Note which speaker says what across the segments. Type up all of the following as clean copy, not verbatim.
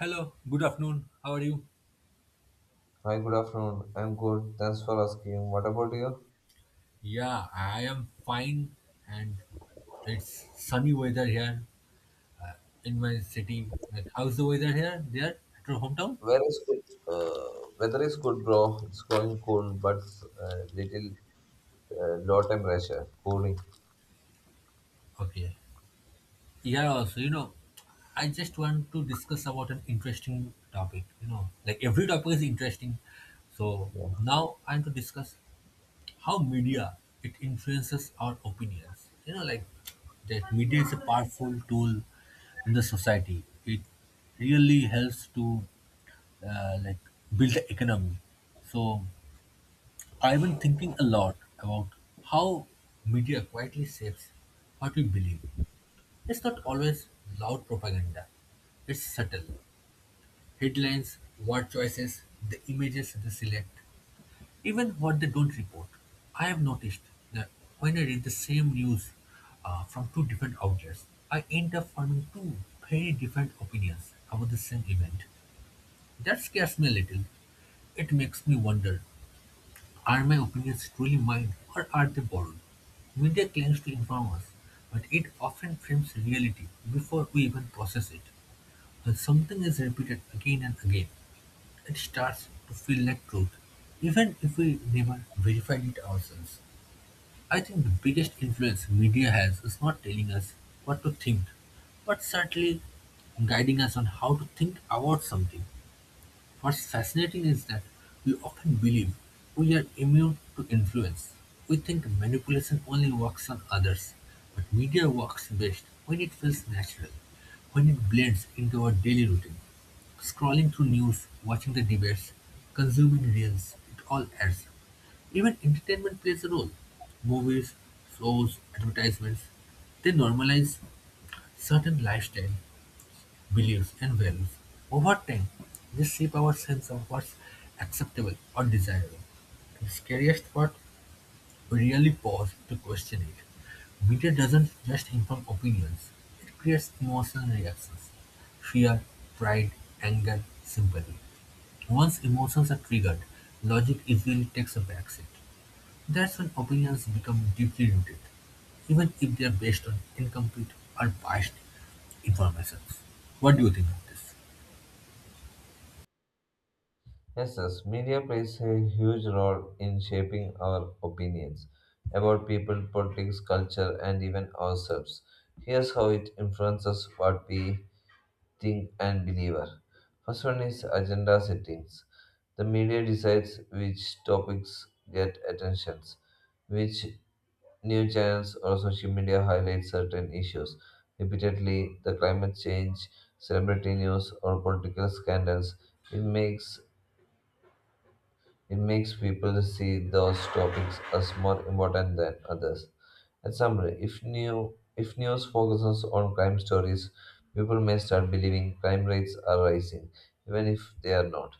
Speaker 1: Hello, good afternoon. How are you?
Speaker 2: Hi, good afternoon. I'm good. Thanks for asking. What about you?
Speaker 1: Yeah, I am fine, and it's sunny weather here in my city. Like, how's the weather here? There, at your hometown?
Speaker 2: Weather is good. Weather is good, bro. It's going cool, but little low temperature, cooling.
Speaker 1: Okay. Yeah, also, I just want to discuss about an interesting topic. Like every topic is interesting. So now I'm to discuss how media it influences our opinions. Like that media is a powerful tool in the society. It really helps to like build the economy. So I've been thinking a lot about how media quietly shapes what we believe. It's not always loud propaganda. It's subtle. Headlines, word choices, the images they select, even what they don't report. I have noticed that when I read the same news from two different outlets, I end up forming two very different opinions about the same event. That scares me a little. It makes me wonder, are my opinions truly mine or are they borrowed? Media claims to inform us, but it often frames reality before we even process it. When something is repeated again and again, it starts to feel like truth, even if we never verified it ourselves. I think the biggest influence media has is not telling us what to think, but certainly guiding us on how to think about something. What's fascinating is that we often believe we are immune to influence. We think manipulation only works on others, but media works best when it feels natural, when it blends into our daily routine. Scrolling through news, watching the debates, consuming reels, it all adds up. Even entertainment plays a role. Movies, shows, advertisements, they normalize certain lifestyle beliefs and values. Over time, they shape our sense of what's acceptable or desirable. The scariest part, we really pause to question it. Media doesn't just inform opinions, it creates emotional reactions. Fear, pride, anger, sympathy. Once emotions are triggered, logic easily takes a backseat. That's when opinions become deeply rooted, even if they are based on incomplete or biased information. What do you think of this?
Speaker 2: Yes, yes. Media plays a huge role in shaping our opinions about people, politics, culture, and even ourselves. Here's how it influences what we think and believer. First one is agenda settings. The media decides which topics get attentions, which new channels or social media highlight certain issues. Repeatedly, the climate change, celebrity news, or political scandals. It makes it makes people see those topics as more important than others. In summary, if news focuses on crime stories, people may start believing crime rates are rising, even if they are not.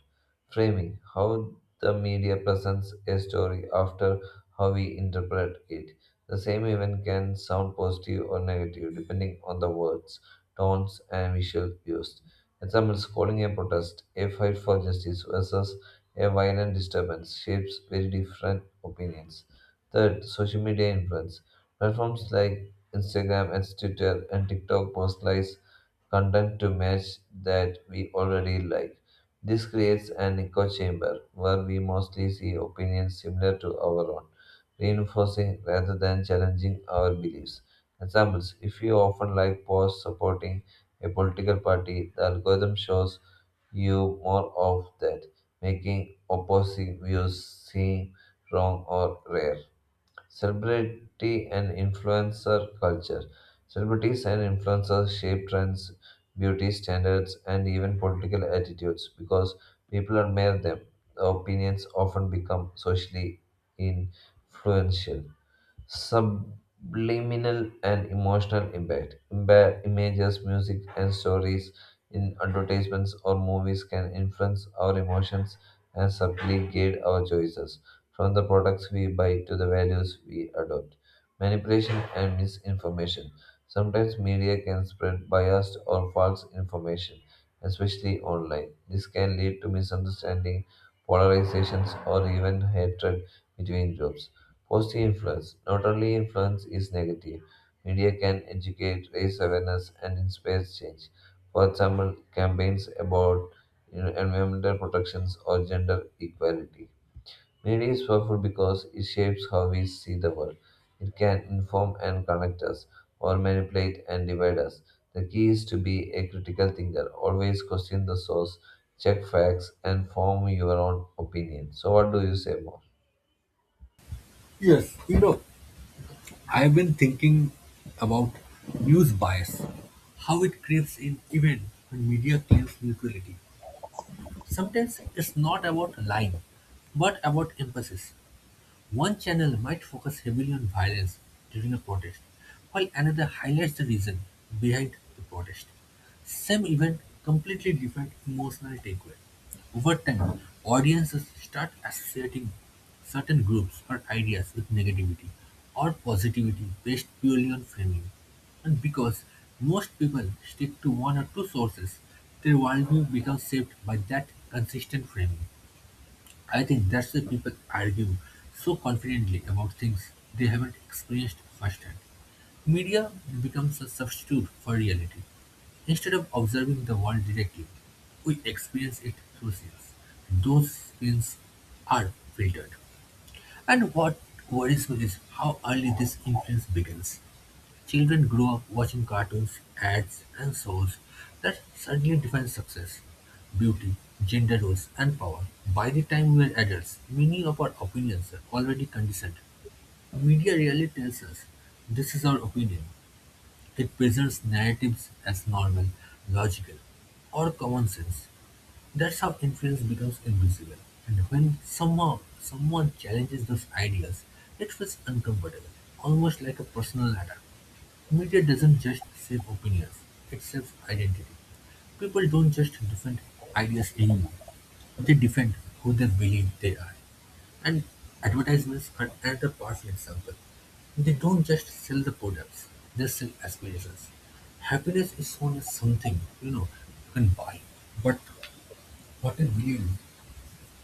Speaker 2: Framing how the media presents a story after how we interpret it. The same event can sound positive or negative depending on the words, tones, and visual used. Examples: calling a protest, a fight for justice versus a violent disturbance, shapes very different opinions. Third, social media influence. Platforms like Instagram and Twitter and TikTok personalize content to match that we already like. This creates an echo chamber where we mostly see opinions similar to our own, reinforcing rather than challenging our beliefs. Examples if you often like posts supporting a political party, the algorithm shows you more of that making opposing views seem wrong or rare. Celebrity and influencer culture. Celebrities and influencers shape trends, beauty standards, and even political attitudes because people admire them. Opinions often become socially influential subliminal and emotional impact. Images, music, and stories in advertisements or movies can influence our emotions and subtly guide our choices, from the products we buy to the values we adopt. Manipulation and misinformation. Sometimes media can spread biased or false information, especially online. This can lead to misunderstanding, polarizations, or even hatred between groups. Positive influence. Not only influence is negative. Media can educate, raise awareness, and inspire change. For example, campaigns about you know, environmental protections or gender equality. Media is powerful because it shapes how we see the world. It can inform and connect us, or manipulate and divide us. The key is to be a critical thinker. Always question the source, check facts, and form your own opinion. So, what do you say more?
Speaker 1: Yes, I've been thinking about news bias, how it creeps in even when media claims neutrality. Sometimes it's not about lying, but about emphasis. One channel might focus heavily on violence during a protest, while another highlights the reason behind the protest. Same event, completely different emotional takeaway. Over time, audiences start associating certain groups or ideas with negativity or positivity based purely on framing. And because most people stick to one or two sources, their worldview becomes shaped by that consistent framing. I think that's why people argue so confidently about things they haven't experienced firsthand. Media becomes a substitute for reality. Instead of observing the world directly, we experience it through screens. Those scenes are filtered. And what worries me is how early this influence begins. Children grow up watching cartoons, ads, and shows that suddenly define success, beauty, gender roles, and power. By the time we are adults, many of our opinions are already conditioned. Media really tells us this is our opinion. It presents narratives as normal, logical, or common sense. That's how influence becomes invisible. And when somehow someone challenges those ideas, it feels uncomfortable, almost like a personal attack. Media doesn't just save opinions, it saves identity. People don't just defend ideas anymore, they defend who they believe they are. And advertisements are another powerful example. They don't just sell the products, they sell aspirations. Happiness is shown as something, you can buy, but what is real?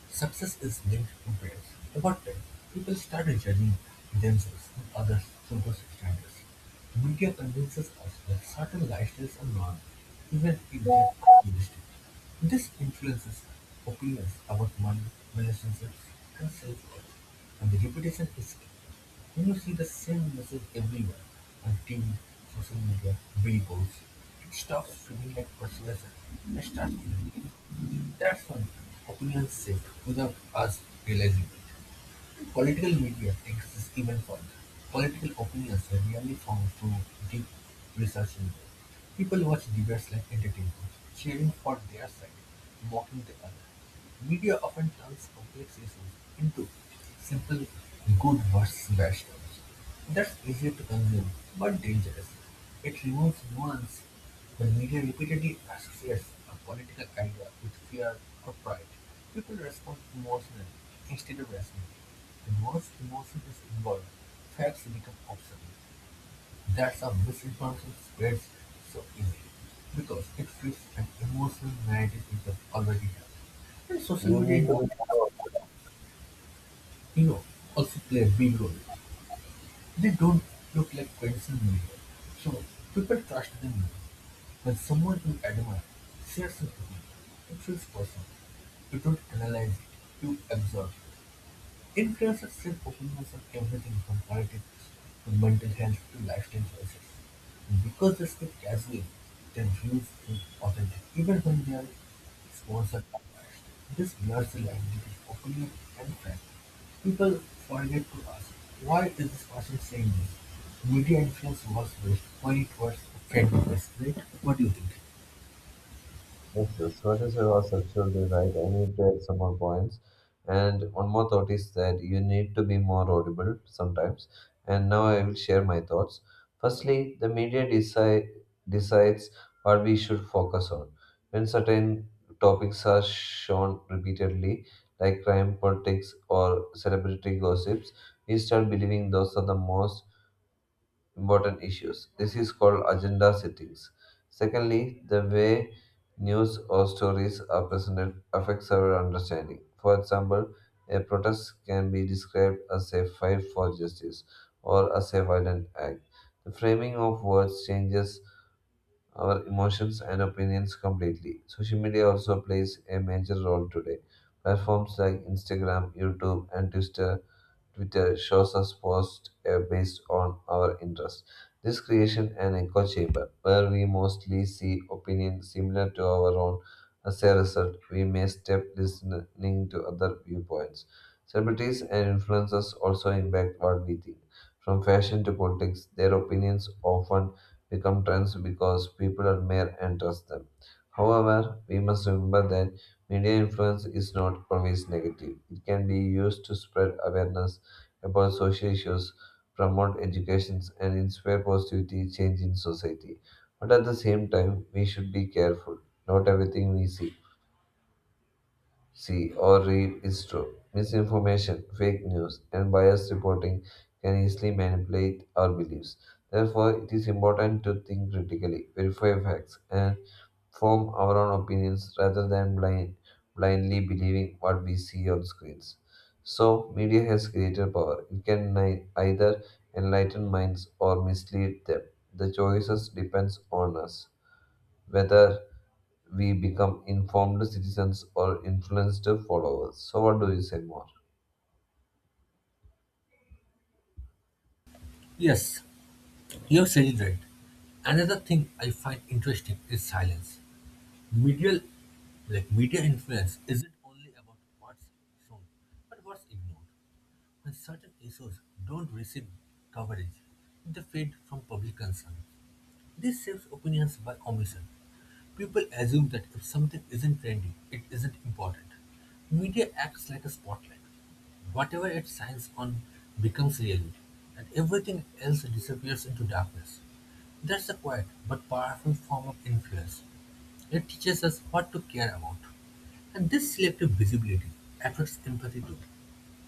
Speaker 1: Success is linked to praise. Over time, people start judging themselves and others through those standards. Media convinces us that certain lifestyles are normal, even if they are unrealistic. This influences opinions about money, relationships, and self-worth. And the repetition is key. When you see the same message everywhere, on TV, social media, billboards, it stops feeling like persuasion and starts feeling like that's why opinions shift without us realizing it. Political media takes this even further. Political opinions are rarely formed through deep research input. People watch debates like entertainment, cheering for their side, mocking the other. Media often turns complex issues into simple good versus bad stories. That's easy to consume, but dangerous. It removes nuance. The media repeatedly associates a political idea with fear or pride. People respond emotionally instead of rationally. The most emotion is involved, facts become obsolete. That's how misinformation spreads so easily, because it fits an emotional narrative people already have. And social
Speaker 2: You
Speaker 1: media,
Speaker 2: need to be more.
Speaker 1: you know, also play a big role. They don't look like traditional media, so people trust them more. When someone you admire shares an opinion, it feels personal. You don't analyze it, you absorb it. It creates a safe openness on everything from politics to mental health to lifestyle choices. Because they speak casually, their views feel authentic, even when they are sponsored by biased. This blurs the line between opinion and fact. People forget to ask, why is this person saying this? Media influence was best when it works to fake, right? What do you think?
Speaker 2: Yes, yes, what you said was absolutely right. I need to add some more points. And one more thought is that you need to be more audible sometimes. And now I will share my thoughts. Firstly, the media decides what we should focus on. When certain topics are shown repeatedly, like crime, politics, or celebrity gossips, we start believing those are the most important issues. This is called agenda settings. Secondly, the way news or stories are presented affects our understanding. For example, a protest can be described as a fight for justice or as a violent act. The framing of words changes our emotions and opinions completely. Social media also plays a major role today. Platforms like Instagram, YouTube, and Twitter shows us posts based on our interests. This creation an echo chamber where we mostly see opinions similar to our own. As a result, we may step listening to other viewpoints. Celebrities and influencers also impact what we think. From fashion to politics, their opinions often become trends because people admire and trust them. However, we must remember that media influence is not always negative. It can be used to spread awareness, about social issues, promote education, and inspire positivity change in society. But at the same time, we should be careful. Not everything we see or read is true. Misinformation, fake news, and biased reporting can easily manipulate our beliefs. Therefore, it is important to think critically, verify facts, and form our own opinions rather than blindly believing what we see on screens. So, media has greater power. It can either enlighten minds or mislead them. The choices depends on us whether we become informed citizens or influenced followers. So, what do you say more?
Speaker 1: Yes, you have said it right. Another thing I find interesting is silence. Media, like media influence isn't only about what's shown, but what's ignored. When certain issues don't receive coverage, they fade from public concern. This shapes opinions by omission. People assume that if something isn't trendy, it isn't important. Media acts like a spotlight. Whatever it shines on becomes reality, and everything else disappears into darkness. That's a quiet but powerful form of influence. It teaches us what to care about. And this selective visibility affects empathy too.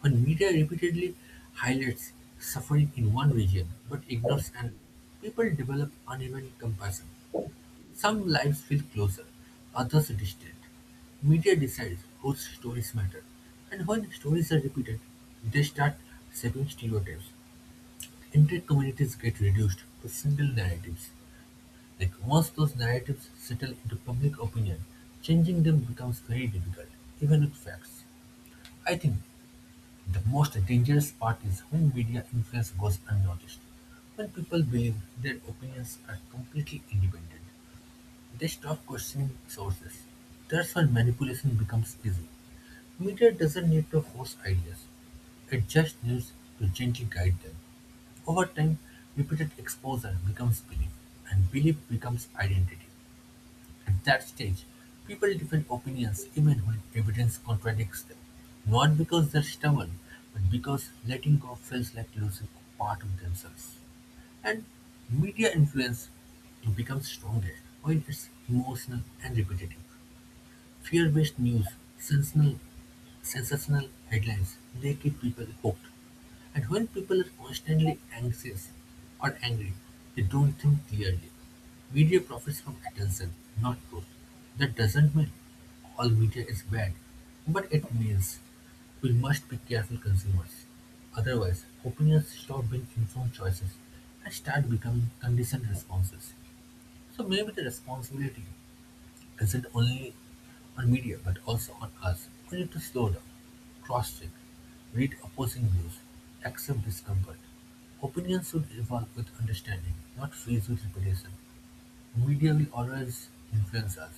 Speaker 1: When media repeatedly highlights suffering in one region but ignores another, people develop uneven compassion. Some lives feel closer, others distant. Media decides whose stories matter, and when stories are repeated, they start shaping stereotypes. Entire communities get reduced to single narratives. Like once those narratives settle into public opinion, changing them becomes very difficult, even with facts. I think the most dangerous part is when media influence goes unnoticed. When people believe their opinions are completely independent, they stop questioning sources. That's when manipulation becomes easy. Media doesn't need to force ideas. It just needs to gently guide them. Over time, repeated exposure becomes belief, and belief becomes identity. At that stage, people defend opinions even when evidence contradicts them, not because they're stubborn, but because letting go feels like losing a part of themselves. And media influence becomes stronger when it's emotional and repetitive. Fear-based news, sensational sensational headlines, they keep people hooked. And when people are constantly anxious or angry, they don't think clearly. Media profits from attention, not truth. That doesn't mean all media is bad, but it means we must be careful consumers. Otherwise, opinions stop being informed choices and start becoming conditioned responses. So maybe the responsibility isn't only on media but also on us. We need to slow down, cross check, read opposing views, accept discomfort. Opinions should evolve with understanding, not freeze with repetition. Media will always influence us.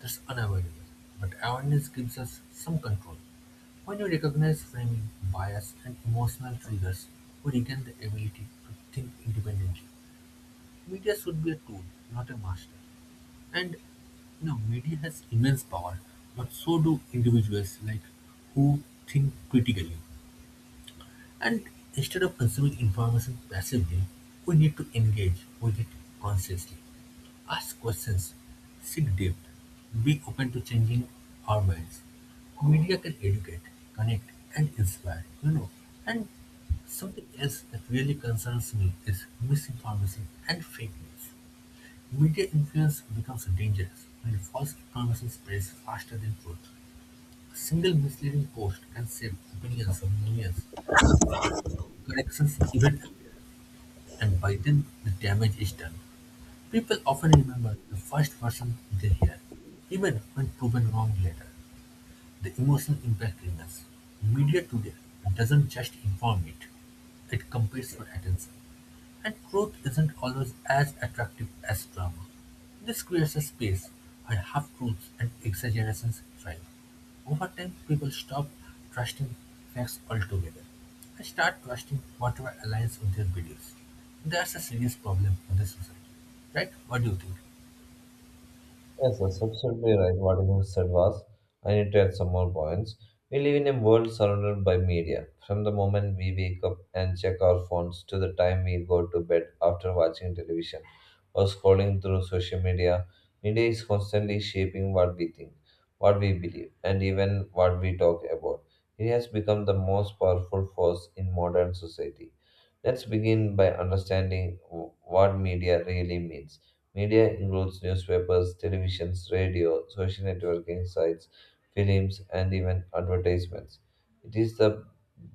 Speaker 1: That's unavoidable. But awareness gives us some control. When we recognize framing, bias, and emotional triggers, we regain the ability to think independently. Media should be a tool, not a master. And media has immense power, but so do individuals like who think critically. And instead of consuming information passively, we need to engage with it consciously. Ask questions, seek depth, be open to changing our minds. Media can educate, connect, and inspire. And something else that really concerns me is misinformation and fake news. Media influence becomes dangerous when false information spreads faster than truth. A single misleading post can save billions of millions. Corrections even appear, and by then the damage is done. People often remember the first version they hear, even when proven wrong later. The emotional impact remains. Media today doesn't just inform it, it competes for attention. And truth isn't always as attractive as drama. This creates a space where half-truths and exaggerations thrive. Over time, people stop trusting facts altogether and start trusting whatever aligns with their beliefs. That's a serious problem for the society, right? What do you think?
Speaker 2: Yes, that's absolutely right. What you have said was, I need to add some more points. We live in a world surrounded by media. From the moment we wake up and check our phones to the time we go to bed after watching television or scrolling through social media, media is constantly shaping what we think, what we believe, and even what we talk about. It has become the most powerful force in modern society. Let's begin by understanding what media really means. Media includes newspapers, televisions, radio, social networking sites, films, and even advertisements. It is the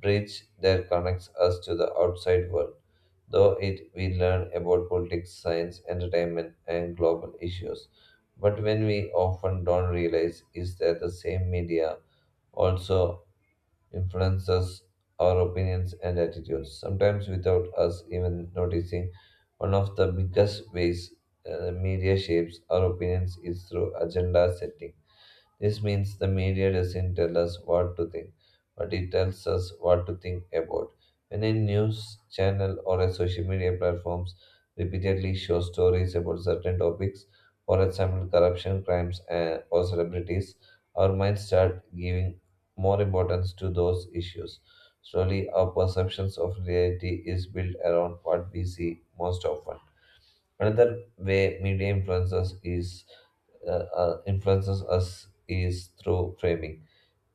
Speaker 2: bridge that connects us to the outside world. Though it we learn about politics, science, entertainment, and global issues. But when we often don't realize is that the same media also influences our opinions and attitudes, sometimes without us even noticing. One of the biggest ways media shapes our opinions is through agenda setting. This means the media doesn't tell us what to think, but it tells us what to think about. When a news channel or a social media platforms repeatedly show stories about certain topics, for example, corruption, crimes, and, or celebrities, our minds start giving more importance to those issues. Slowly, our perceptions of reality is built around what we see most often. Another way media influences us is through framing.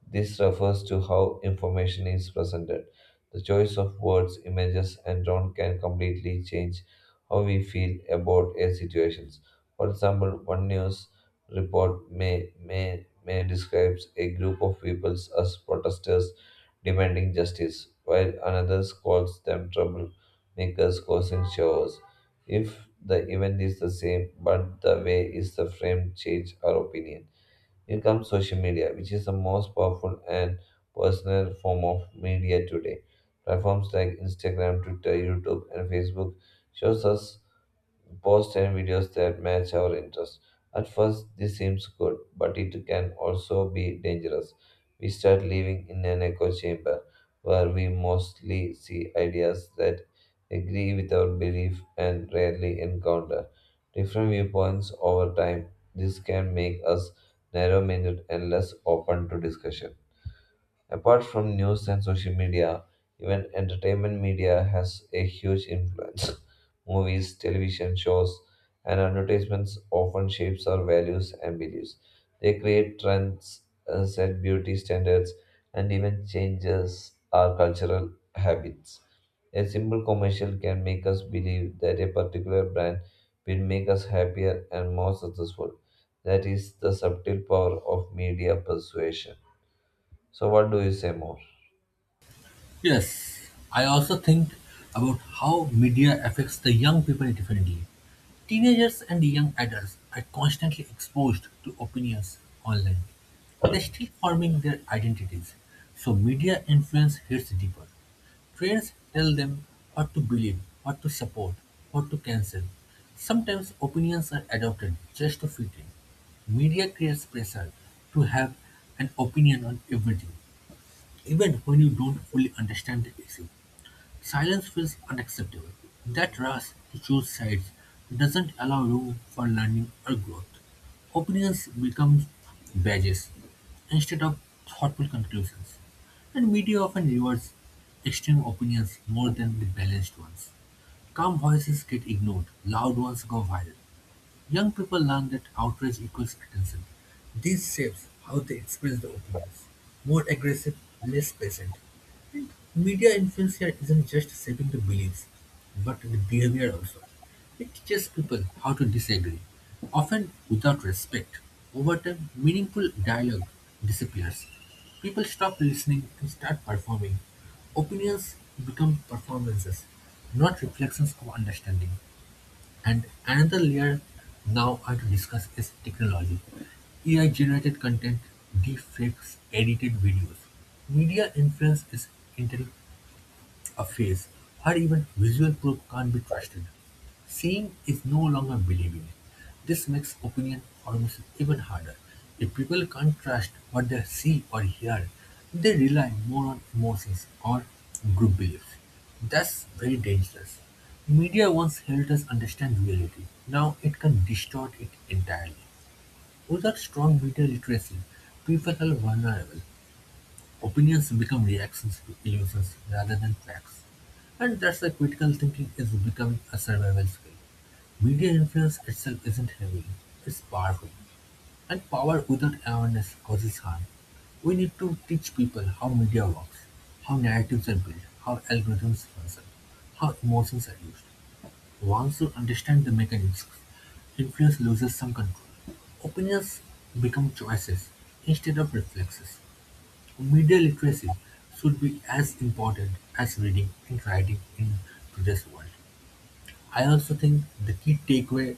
Speaker 2: This refers to how information is presented. The choice of words, images, and tone can completely change how we feel about a situation. For example, one news report may describes a group of people as protesters demanding justice, while another calls them troublemakers causing chaos. If the event is the same, but the way is the frame change our opinion. Here comes social media, which is the most powerful and personal form of media today. Platforms like Instagram, Twitter, YouTube, and Facebook shows us posts and videos that match our interests. At first, this seems good, but it can also be dangerous. We start living in an echo chamber where we mostly see ideas that agree with our belief and rarely encounter different viewpoints over time. This can make us narrow minded and less open to discussion. Apart from news and social media, even entertainment media has a huge influence. Movies, television shows, and advertisements often shapes our values and beliefs. They create trends, set beauty standards, and even changes our cultural habits. A simple commercial can make us believe that a particular brand will make us happier and more successful. That is the subtle power of media persuasion. So, what do you say more?
Speaker 1: Yes, I also think about how media affects the young people differently. Teenagers and young adults are constantly exposed to opinions online. They're still forming their identities, so media influence hits deeper. Trends tell them what to believe, what to support, what to cancel. Sometimes opinions are adopted just to fit in. Media creates pressure to have an opinion on everything, even when you don't fully understand the issue. Silence feels unacceptable. That rush to choose sides doesn't allow room for learning or growth. Opinions become badges instead of thoughtful conclusions. And media often rewards extreme opinions more than the balanced ones. Calm voices get ignored, loud ones go viral. Young people learn that outrage equals attention. This shapes how they experience the opinions. More aggressive, less patient. And media influence here isn't just shaping the beliefs, but the behavior also. It teaches people how to disagree, often without respect. Over time, meaningful dialogue disappears. People stop listening and start performing. Opinions become performances, not reflections of understanding. And another layer now I to discuss is technology. AI generated content, deepfakes, edited videos. Media influence is intel- a face or even visual proof can't be trusted. Seeing is no longer believing. This makes opinion formation even harder. If people can't trust what they see or hear, they rely more on emotions or group beliefs. That's very dangerous. Media once helped us understand reality. Now it can distort it entirely. Without strong media literacy, people are vulnerable. Opinions become reactions to illusions rather than facts, and that's why critical thinking is becoming a survival skill. Media influence itself isn't heavy, it's powerful, and power without awareness causes harm. We need to teach people how media works, how narratives are built, how algorithms function, how emotions are used. Once you understand the mechanisms, influence loses some control. Opinions become choices instead of reflexes. Media literacy should be as important as reading and writing in today's world. I also think the key takeaway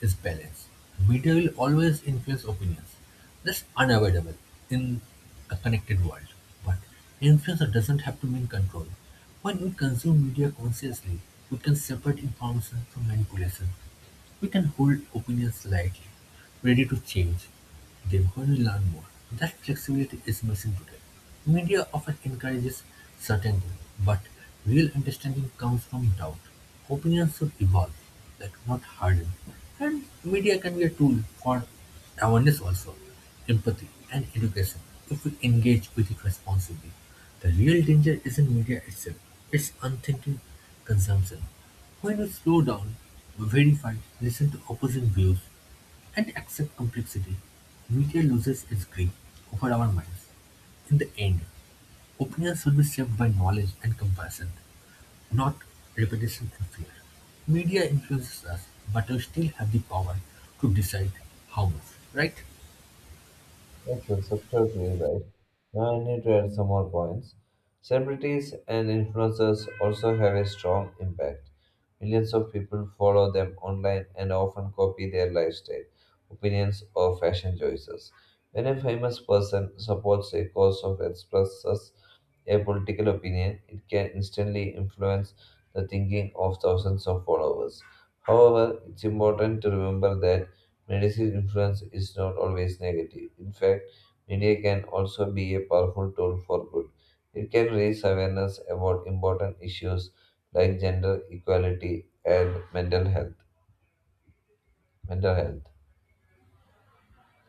Speaker 1: is balance. Media will always influence opinions. That's unavoidable in a connected world. But influence doesn't have to mean control. When we consume media consciously, we can separate information from manipulation. We can hold opinions lightly, ready to change them when we learn more. That flexibility is missing today. Media often encourages certainty, but real understanding comes from doubt. Opinions should evolve, like not harden. And media can be a tool for awareness also, empathy, and education if we engage with it responsibly. The real danger isn't media itself, it's unthinking consumption. When we slow down, verify, listen to opposing views, and accept complexity, media loses its grip over our minds. In the end, opinions will be shaped by knowledge and comparison, not repetition and fear. Media influences us, but we still have the power to decide how much, right?
Speaker 2: Yes, that's absolutely right. Now I need to add some more points. Celebrities and influencers also have a strong impact. Millions of people follow them online and often copy their lifestyle, opinions, or fashion choices. When a famous person supports a cause or expresses a political opinion, it can instantly influence the thinking of thousands of followers. However, it's important to remember that media's influence is not always negative. In fact, media can also be a powerful tool for good. It can raise awareness about important issues like gender equality and mental health. Mental health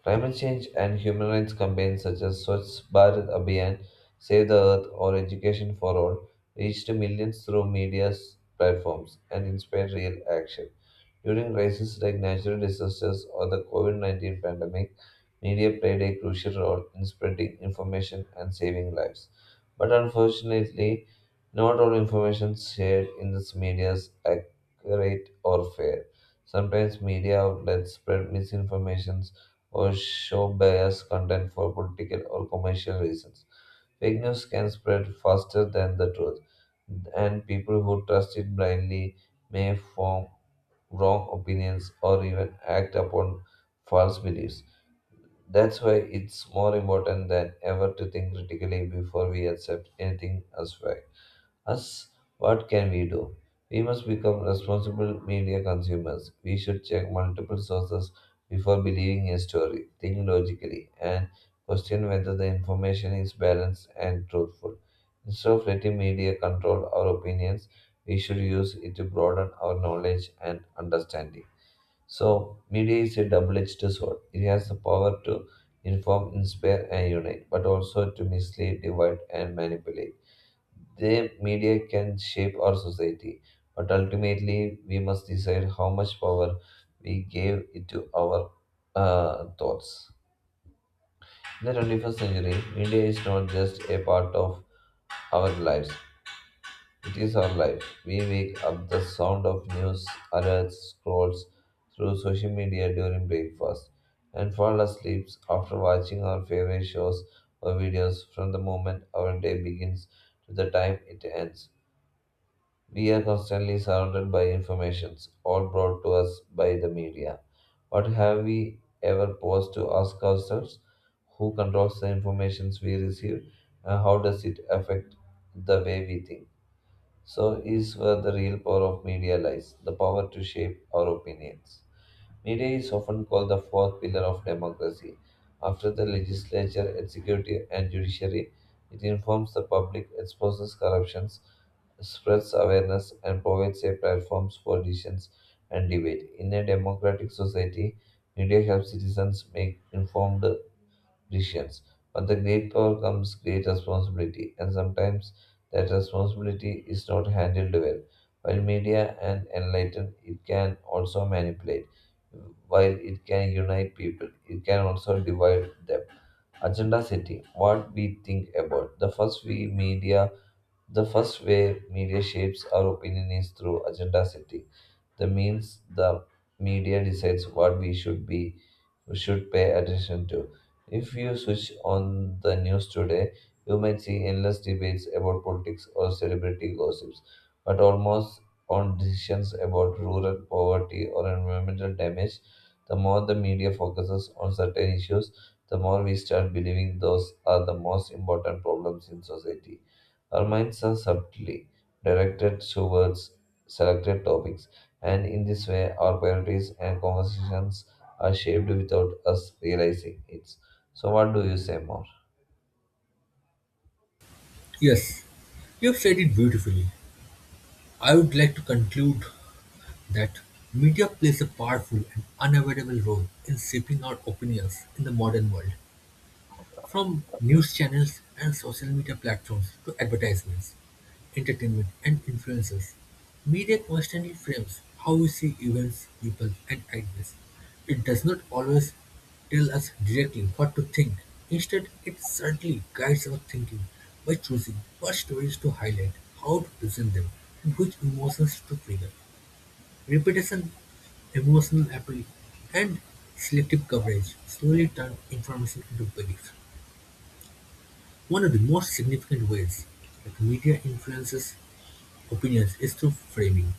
Speaker 2: Climate change and human rights campaigns such as Swachh Bharat Abhiyan, Save the Earth, or Education for All reached millions through media platforms and inspired real action. During crises like natural disasters or the COVID COVID-19 pandemic, media played a crucial role in spreading information and saving lives. But unfortunately, not all information shared in this media is accurate or fair. Sometimes media outlets spread misinformation or show biased content for political or commercial reasons. Fake news can spread faster than the truth, and people who trust it blindly may form wrong opinions or even act upon false beliefs. That's why it's more important than ever to think critically before we accept anything as fact. Us, what can we do? We must become responsible media consumers. We should check multiple sources before believing a story, think logically, and question whether the information is balanced and truthful. Instead of letting media control our opinions, we should use it to broaden our knowledge and understanding. So, media is a double edged sword. It has the power to inform, inspire, and unite, but also to mislead, divide, and manipulate. The media can shape our society, but ultimately we must decide how much power we give it to our thoughts. In the 21st century, media is not just a part of our lives, it is our life. We wake up the sound of news alerts, scrolls through social media during breakfast, and fall asleep after watching our favorite shows or videos from the moment our day begins to the time it ends. We are constantly surrounded by informations, all brought to us by the media. What have we ever paused to ask ourselves? Who controls the informations we receive, and how does it affect the way we think? So is where the real power of media lies, the power to shape our opinions. Media is often called the fourth pillar of democracy. After the legislature, executive, and judiciary, it informs the public, exposes corruptions, spreads awareness, and provides a platform for decisions and debate. In a democratic society, media helps citizens make informed visions. But the great power comes great responsibility, and sometimes that responsibility is not handled well. While media and enlighten, it can also manipulate. While it can unite people, it can also divide them. Agenda setting: what we think about the first we media, the first way media shapes our opinion is through agenda setting. The means the media decides what we should be should pay attention to. If you switch on the news today, you might see endless debates about politics or celebrity gossips, but almost on decisions about rural poverty or environmental damage. The more the media focuses on certain issues, the more we start believing those are the most important problems in society. Our minds are subtly directed towards selected topics, and in this way, our priorities and conversations are shaped without us realizing it. So, what do you say more?
Speaker 1: Yes, you have said it beautifully. I would like to conclude that media plays a powerful and unavoidable role in shaping our opinions in the modern world. From news channels and social media platforms to advertisements, entertainment, and influencers, media constantly frames how we see events, people, and ideas. It does not always tell us directly what to think. Instead, it certainly guides our thinking by choosing what stories to highlight, how to present them, and which emotions to trigger. Repetition, emotional appeal, and selective coverage slowly turn information into belief. One of the most significant ways that media influences opinions is through framing.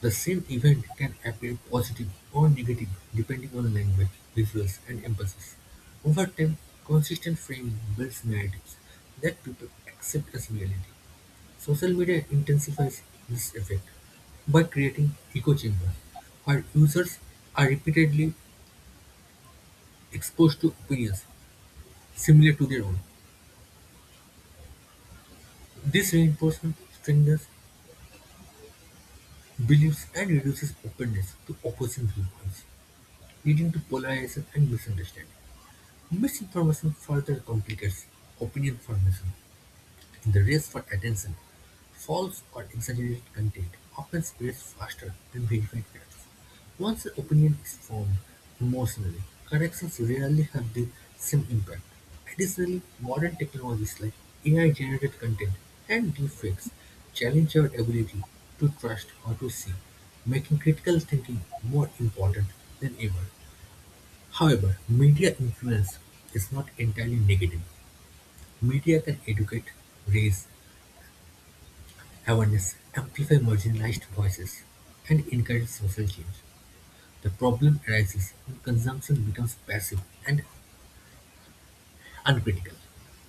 Speaker 1: The same event can appear positive or negative depending on language, visuals, and emphasis. Over time, consistent framing builds narratives that people accept as reality. Social media intensifies this effect by creating echo chambers where users are repeatedly exposed to opinions similar to their own. This reinforcement strengthens beliefs and reduces openness to opposing viewpoints, leading to polarization and misunderstanding. Misinformation further complicates opinion formation. In the race for attention, false or exaggerated content often spreads faster than verified facts. Once an opinion is formed emotionally, corrections rarely have the same impact. Additionally, modern technologies like AI-generated content and deepfakes challenge our ability to trust or to see, making critical thinking more important than ever. However, media influence is not entirely negative. Media can educate, raise awareness, amplify marginalized voices, and encourage social change. The problem arises when consumption becomes passive and uncritical.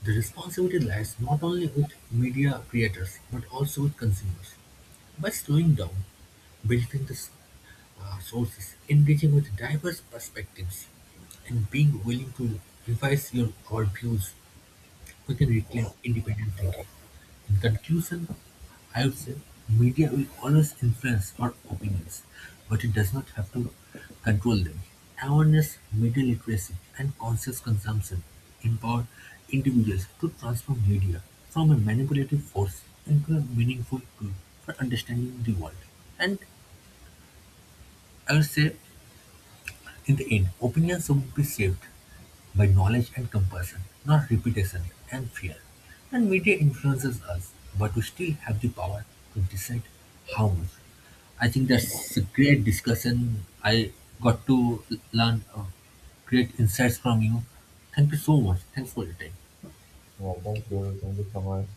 Speaker 1: The responsibility lies not only with media creators but also with consumers. By slowing down, building the s- sources, engaging with diverse perspectives, and being willing to revise our views, we can reclaim independent thinking. Conclusion: I would say, media will always influence our opinions, but it does not have to control them. Awareness, media literacy, and conscious consumption empower individuals to transform media from a manipulative force into a meaningful tool for understanding the world. And I would say in the end, opinions should be shaped by knowledge and compassion, not reputation and fear. And media influences us, but we still have the power to decide how much. I think that's a great discussion. I got to learn great insights from you. Thank you so much. Thanks for your time.
Speaker 2: Yeah, thank you. Thank you so much.